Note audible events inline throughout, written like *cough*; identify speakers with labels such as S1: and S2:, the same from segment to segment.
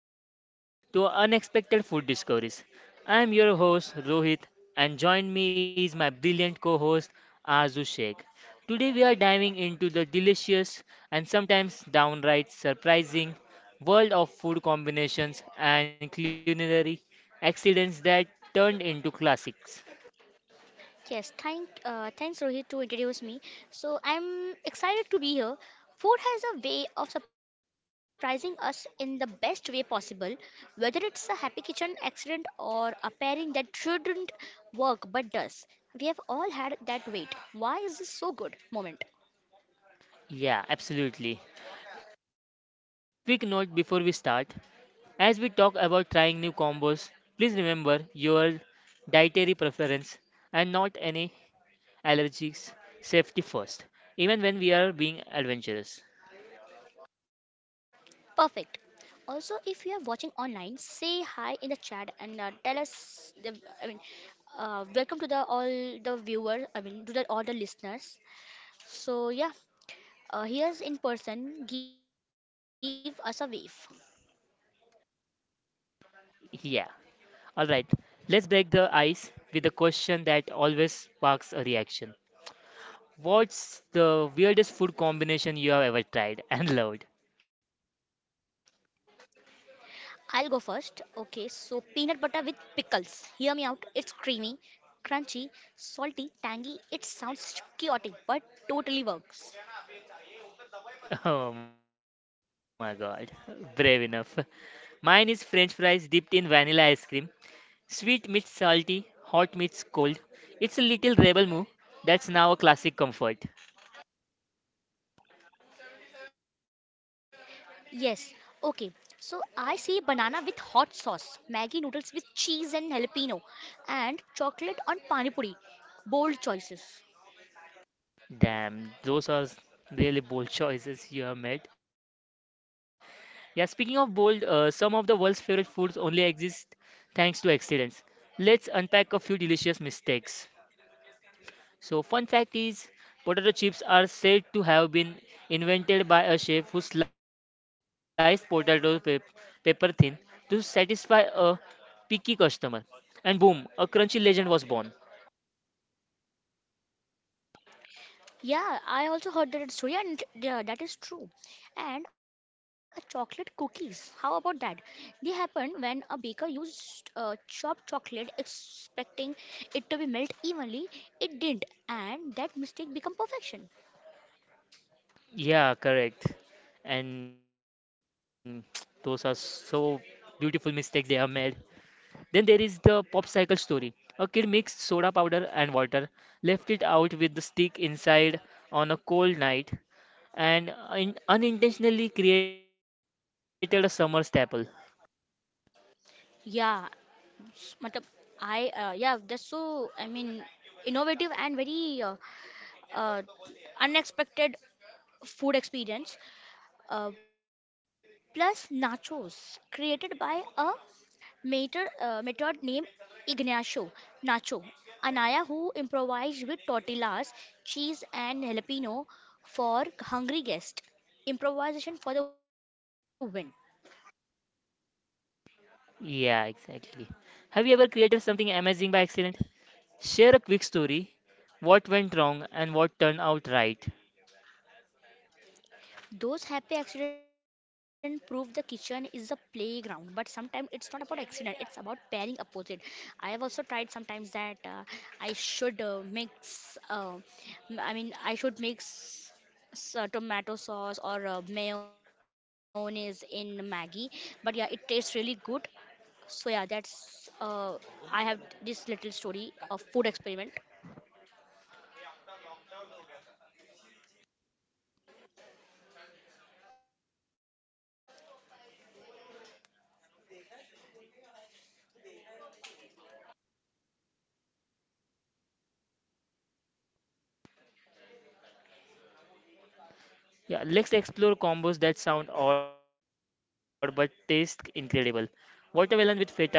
S1: everyone to Unexpected Food Discoveries. I am your host Rohit and join me is my brilliant co-host Azu Sheikh. Today we are diving into the delicious and sometimes downright surprising world of food combinations and culinary accidents that turned into classics.
S2: Yes, thanks Rohit to introduce me. So I'm excited to be here. Food has a way of surprising us in the best way possible, whether it's a happy kitchen accident or a pairing that shouldn't work but does. We have all had that wait. Why is this so good moment?
S1: Yeah, absolutely. Quick note before we start. As we talk about trying new combos, please remember your dietary preference and not any allergies. Safety first, even when we are being adventurous.
S2: Perfect. Also, if you are watching online, say hi in the chat and tell us. The, I mean, uh, welcome to the all the viewers. I mean, to the all the listeners. So yeah, here's in person. Give us a wave.
S1: Yeah. Alright, let's break the ice with a question that always sparks a reaction. What's the weirdest food combination you have ever tried and *laughs* loved?
S2: I'll go first. Okay, so peanut butter with pickles. Hear me out. It's creamy, crunchy, salty, tangy. It sounds chaotic, but totally works.
S1: Oh my god, brave enough. Mine is french fries dipped in vanilla ice cream. Sweet meets salty, hot meets cold. It's a little rebel move that's now a classic comfort.
S2: Yes. Okay. So I see banana with hot sauce, Maggi noodles with cheese and jalapeno, and chocolate on pani puri. Bold choices.
S1: Damn, really bold choices you have made. Yeah, speaking of bold, some of the world's favorite foods only exist thanks to accidents. Let's unpack a few delicious mistakes. So, fun fact is, potato chips are said to have been invented by a chef who sliced paper thin to satisfy a picky customer. And boom, a crunchy legend was born.
S2: Yeah, I also heard that story, and yeah, that is true. And chocolate cookies, how about that? They happen when a baker used chopped chocolate, expecting it to be melt evenly. It didn't, and that mistake become perfection.
S1: Yeah, correct. And *tsk* those are so beautiful mistakes they have made. Then there is the popsicle story. A kid mixed soda powder and water, left it out with the stick inside on a cold night, and unintentionally created a summer staple.
S2: Yeah, matlab, I yeah, that's so. I mean, innovative and very uh, unexpected food experience. Uh, Plus nachos created by a method named Ignacio Nacho Anaya, who improvised with tortillas, cheese, and jalapeno for hungry guests. Improvisation for the win.
S1: Yeah, exactly. Have you ever created something amazing by accident? Share a quick story, what went wrong and what turned out right.
S2: Those happy accidents prove the kitchen is a playground, but sometimes it's not about accident, it's about pairing opposite. I have also tried sometimes that I should mix, m- I mean, I should mix tomato sauce or mayonnaise in Maggi, but yeah, it tastes really good. So yeah, that's I have this little story of food experiment.
S1: Yeah, let's explore combos that sound odd but taste incredible. Watermelon with feta is one.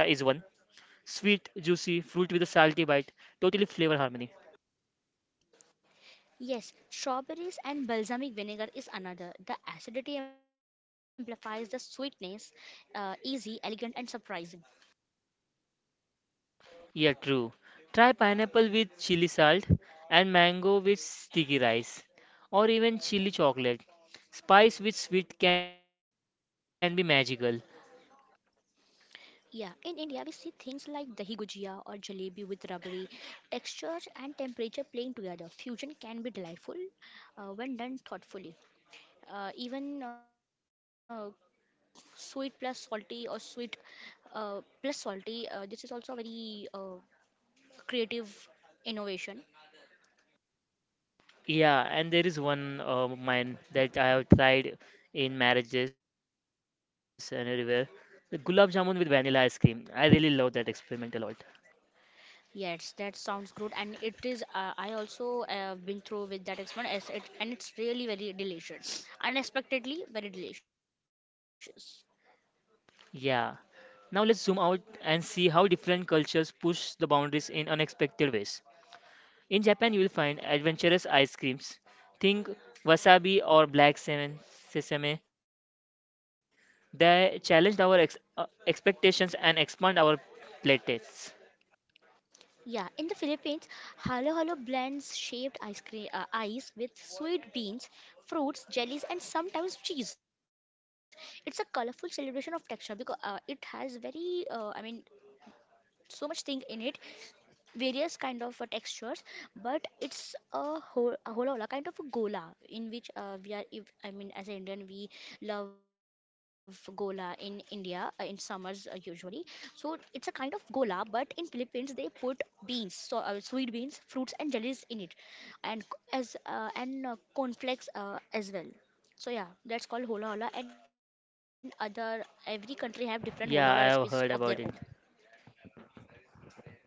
S1: Sweet, juicy, fruit with a salty bite, totally flavor harmony.
S2: Yes, strawberries and balsamic vinegar is another. The acidity amplifies the sweetness, easy, elegant, and surprising.
S1: Yeah, true. Try pineapple with chili salt and mango with sticky rice or even chili chocolate. Spice with sweet can be magical.
S2: Yeah, in India we see things like dahi gujia or jalebi with rubbery textures and temperature playing together. Fusion can be delightful when done thoughtfully. Even sweet plus salty or sweet plus salty. This is also a very creative innovation.
S1: Yeah, and there is one mine that I have tried in marriages and everywhere. The gulab jamun with vanilla ice cream. I really love that experiment a lot.
S2: Yes, that sounds good, and it is. I also been through with that experience, and it's really very delicious, unexpectedly very delicious.
S1: Yeah. Now let's zoom out and see how different cultures push the boundaries in unexpected ways. In Japan, you will find adventurous ice creams. Think wasabi or sesame. They challenged our expectations and expand our playtests.
S2: Yeah, in the Philippines, halo halo blends shaped ice cream ice with sweet beans, fruits, jellies, and sometimes cheese. It's a colorful celebration of texture because it has very, so much thing in it various kind of textures, but it's a whole a holola kind of a gola in which we are if, as an Indian we love gola in India in summers usually. So it's a kind of gola, but in Philippines they put beans, so sweet beans, fruits and jellies in it, and c- and cornflakes as well. So yeah, that's called hola hola, and other every country have
S1: Yeah, I
S2: different
S1: have
S2: hola hola
S1: heard about
S2: recipes
S1: it.
S2: of their own.
S1: Exactly.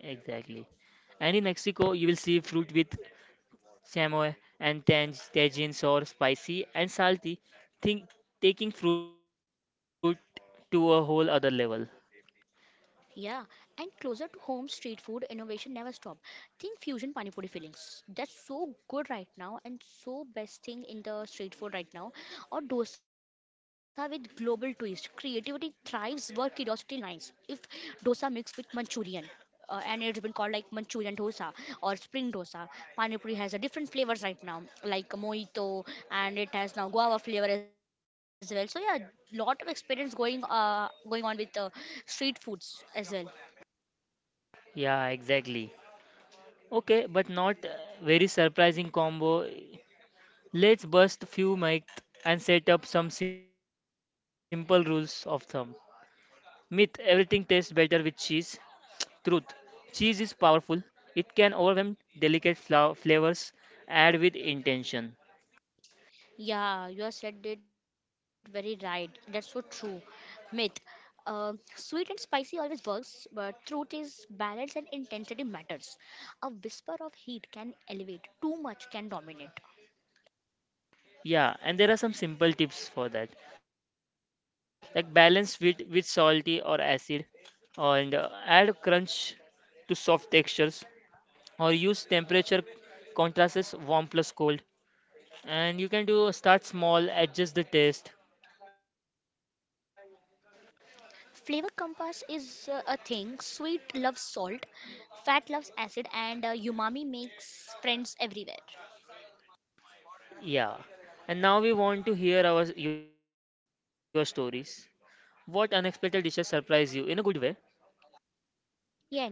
S1: And in Mexico, you will see fruit with chamoy and tagines or spicy and salty. Think taking fruit to a whole other level.
S2: Yeah, and closer to home, street food innovation never stop. Think fusion pani puri fillings. That's so good right now and so best thing in the street food right now. Or dosa with global twist. Creativity thrives where curiosity lines. If dosa mixed with Manchurian, and it's been called like Manchurian dosa or spring dosa. Pani puri has a different flavors right now, like mojito, and it has now guava flavor as well. So yeah, lot of experience going on with street foods as well.
S1: Yeah, exactly. Okay, but not very surprising combo. Let's bust a few myths and set up some simple rules of thumb. Myth: everything tastes better with cheese. Truth: cheese is powerful, it can overwhelm flavors. Add with intention.
S2: Yeah, you have said it very right. That's so true. Myth. Sweet and spicy always works, but truth is balance and intensity matters. A whisper of heat can elevate, too much can dominate.
S1: Yeah, and there are some simple tips for that, like balance sweet with salty or acid, and add a crunch to soft textures, or use temperature contrasts, warm plus cold. And you can do start small, adjust the taste.
S2: Flavor compass is a thing. Sweet loves salt, fat loves acid, and umami makes friends everywhere.
S1: Yeah. And now we want to hear our your stories. What unexpected dishes surprise you in a good way? *laughs*
S2: Yeah.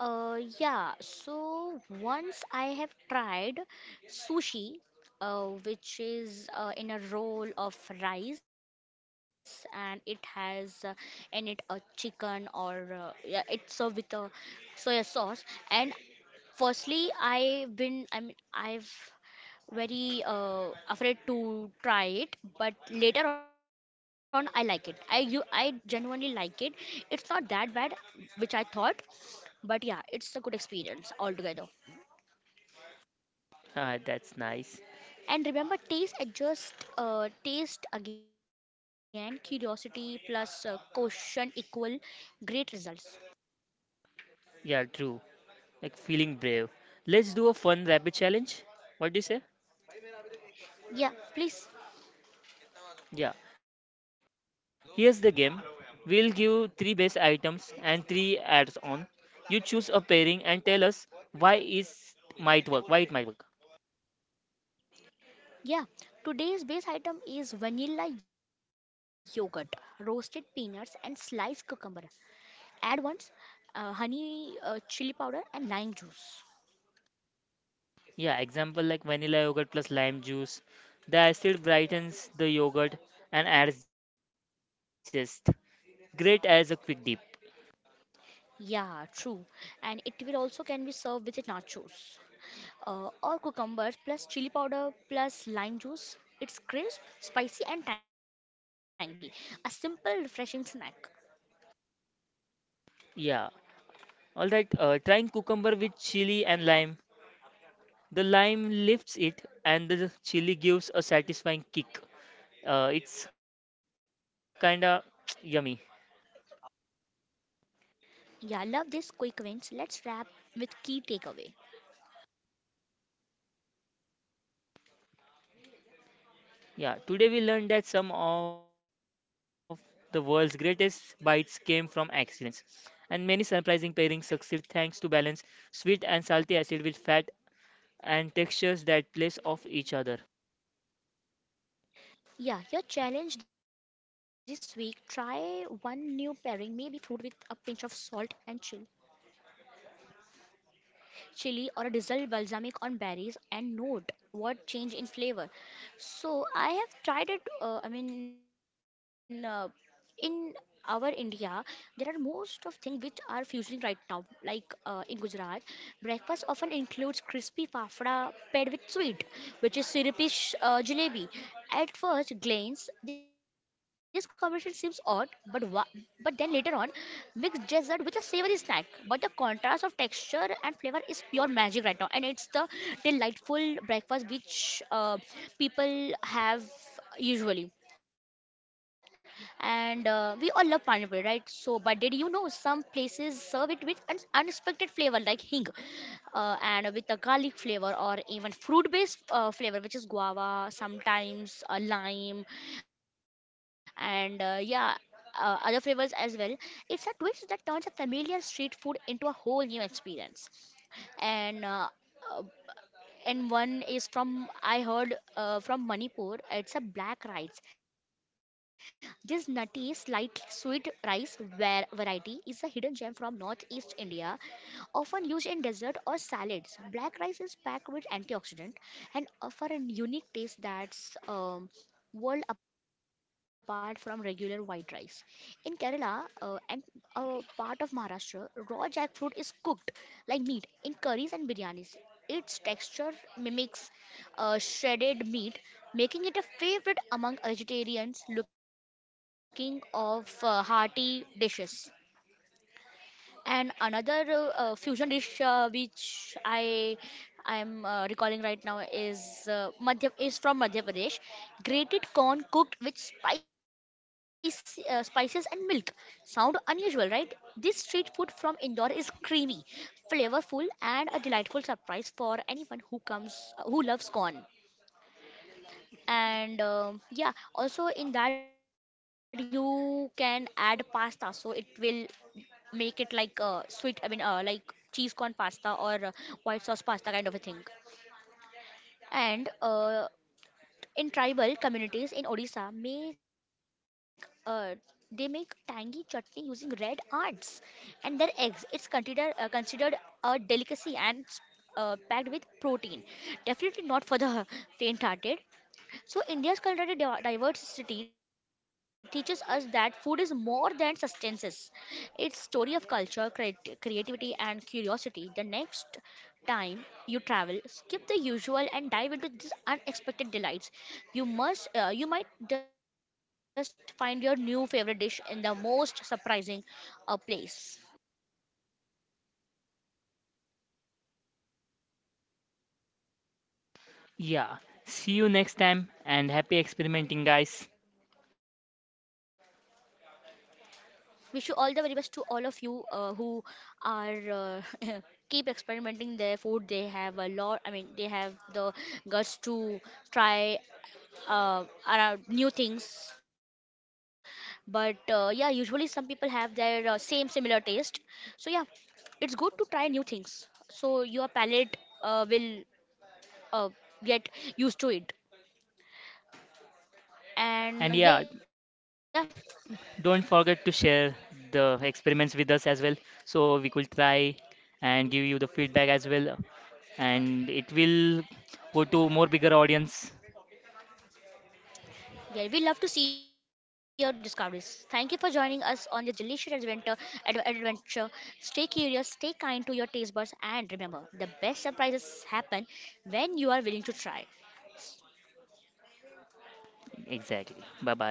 S2: Yeah. So once I have tried sushi, which is in a roll of rice, and it has in it a chicken or yeah, it's served with a soya sauce, and firstly, I've been, I mean, I've very afraid to try it, but later on I like it. I you I genuinely like it. It's not that bad, which I thought, but yeah, it's a good experience altogether.
S1: Ah, that's nice.
S2: And remember, taste again, curiosity plus caution equal great results.
S1: Yeah, true. Like feeling brave. Let's do a fun rapid challenge. What do you say?
S2: Yeah, please.
S1: Yeah. Here's the game. We'll give three base items and three adds-on. You choose a pairing and tell us why is might work. Why it might work.
S2: Yeah, today's base item is vanilla yogurt, roasted peanuts, and sliced cucumber. Add once honey, chili powder, and lime juice.
S1: Yeah, example like vanilla yogurt plus lime juice. The acid brightens the yogurt and adds zest, great as a quick dip.
S2: Yeah, true. And it will also can be served with nachos or cucumbers plus chili powder plus lime juice. It's crisp, spicy, and tangy. A simple, refreshing snack.
S1: Yeah. All right. Trying cucumber with chili and lime. The lime lifts it, and the chili gives a satisfying kick. It's kinda *tsk* yummy.
S2: Yeah, love this quick wins. Let's wrap with key takeaway.
S1: Yeah. Today we learned that some of the world's greatest bites came from accidents, and many surprising pairings succeed thanks to balance, sweet and salty, acid with fat, and textures that place off each other.
S2: Yeah, your challenge this week try one new pairing, maybe fruit with a pinch of salt and chill. Chili or a drizzle balsamic on berries and note what change in flavor. So I have tried it. In our India, there are most of things which are fusing right now. Like in Gujarat, breakfast often includes crispy fafda paired with sweet dessert, which is syrupy jalebi. At first glance, this combination seems odd, but but then later on, mix dessert with a savory snack. But the contrast of texture and flavor is pure magic right now, and it's the delightful breakfast which people have usually. And we all love pineapple, right? So but did you know some places serve it with unexpected flavor like hing and with a garlic flavor, or even fruit based flavor which is guava, sometimes a lime, and other flavors as well. It's a twist that turns a familiar street food into a whole new experience. And uh, and one is from I heard from Manipur. It's a black rice. This nutty, slightly sweet rice variety is a hidden gem from northeast India, often used in desserts or salads. Black rice is packed with antioxidant and offer a unique taste that's world apart from regular white rice. In Kerala and part of Maharashtra, raw jackfruit is cooked like meat in curries and biryanis. Its texture mimics shredded meat, making it a favorite among vegetarians looking of hearty dishes. And another fusion dish which I am recalling right now is Madhya is from Madhya Pradesh. Grated corn cooked with spices and milk. Sound unusual, right? This street food from Indore is creamy, flavorful, and a delightful surprise for anyone who loves corn. And yeah, also in that you can add pasta, so it will make it like like cheese corn pasta or white sauce pasta kind of a thing. And in tribal communities in Odisha, make they make tangy chutney using red ants and their eggs. It's considered a delicacy and packed with protein. Definitely not for the *laughs* faint-hearted. So, India's culinary diversity teaches us that food is more than sustenance. It's story of culture, creativity, and curiosity. The next time you travel, skip the usual and dive into these unexpected delights. You might just find your new favorite dish in the most surprising place.
S1: Yeah. See you next time, and happy experimenting, guys.
S2: Wish you all the very best to all of you who are *laughs* keep experimenting their food. They have a lot. I mean, they have the guts to try around new things. But yeah, usually some people have their same similar taste. So yeah, it's good to try new things. So your palate will uh, get used to it.
S1: And
S2: And
S1: yeah,
S2: yeah,
S1: don't forget to share the experiments with us as well, so we could try and give you the feedback as well, and it will go to more bigger audience.
S2: yeah, we love to see your discoveries. Thank you for joining us on this delicious adventure. Stay curious, stay kind to your taste buds, and remember, the best surprises happen when you are willing to try.
S1: Exactly. Bye bye.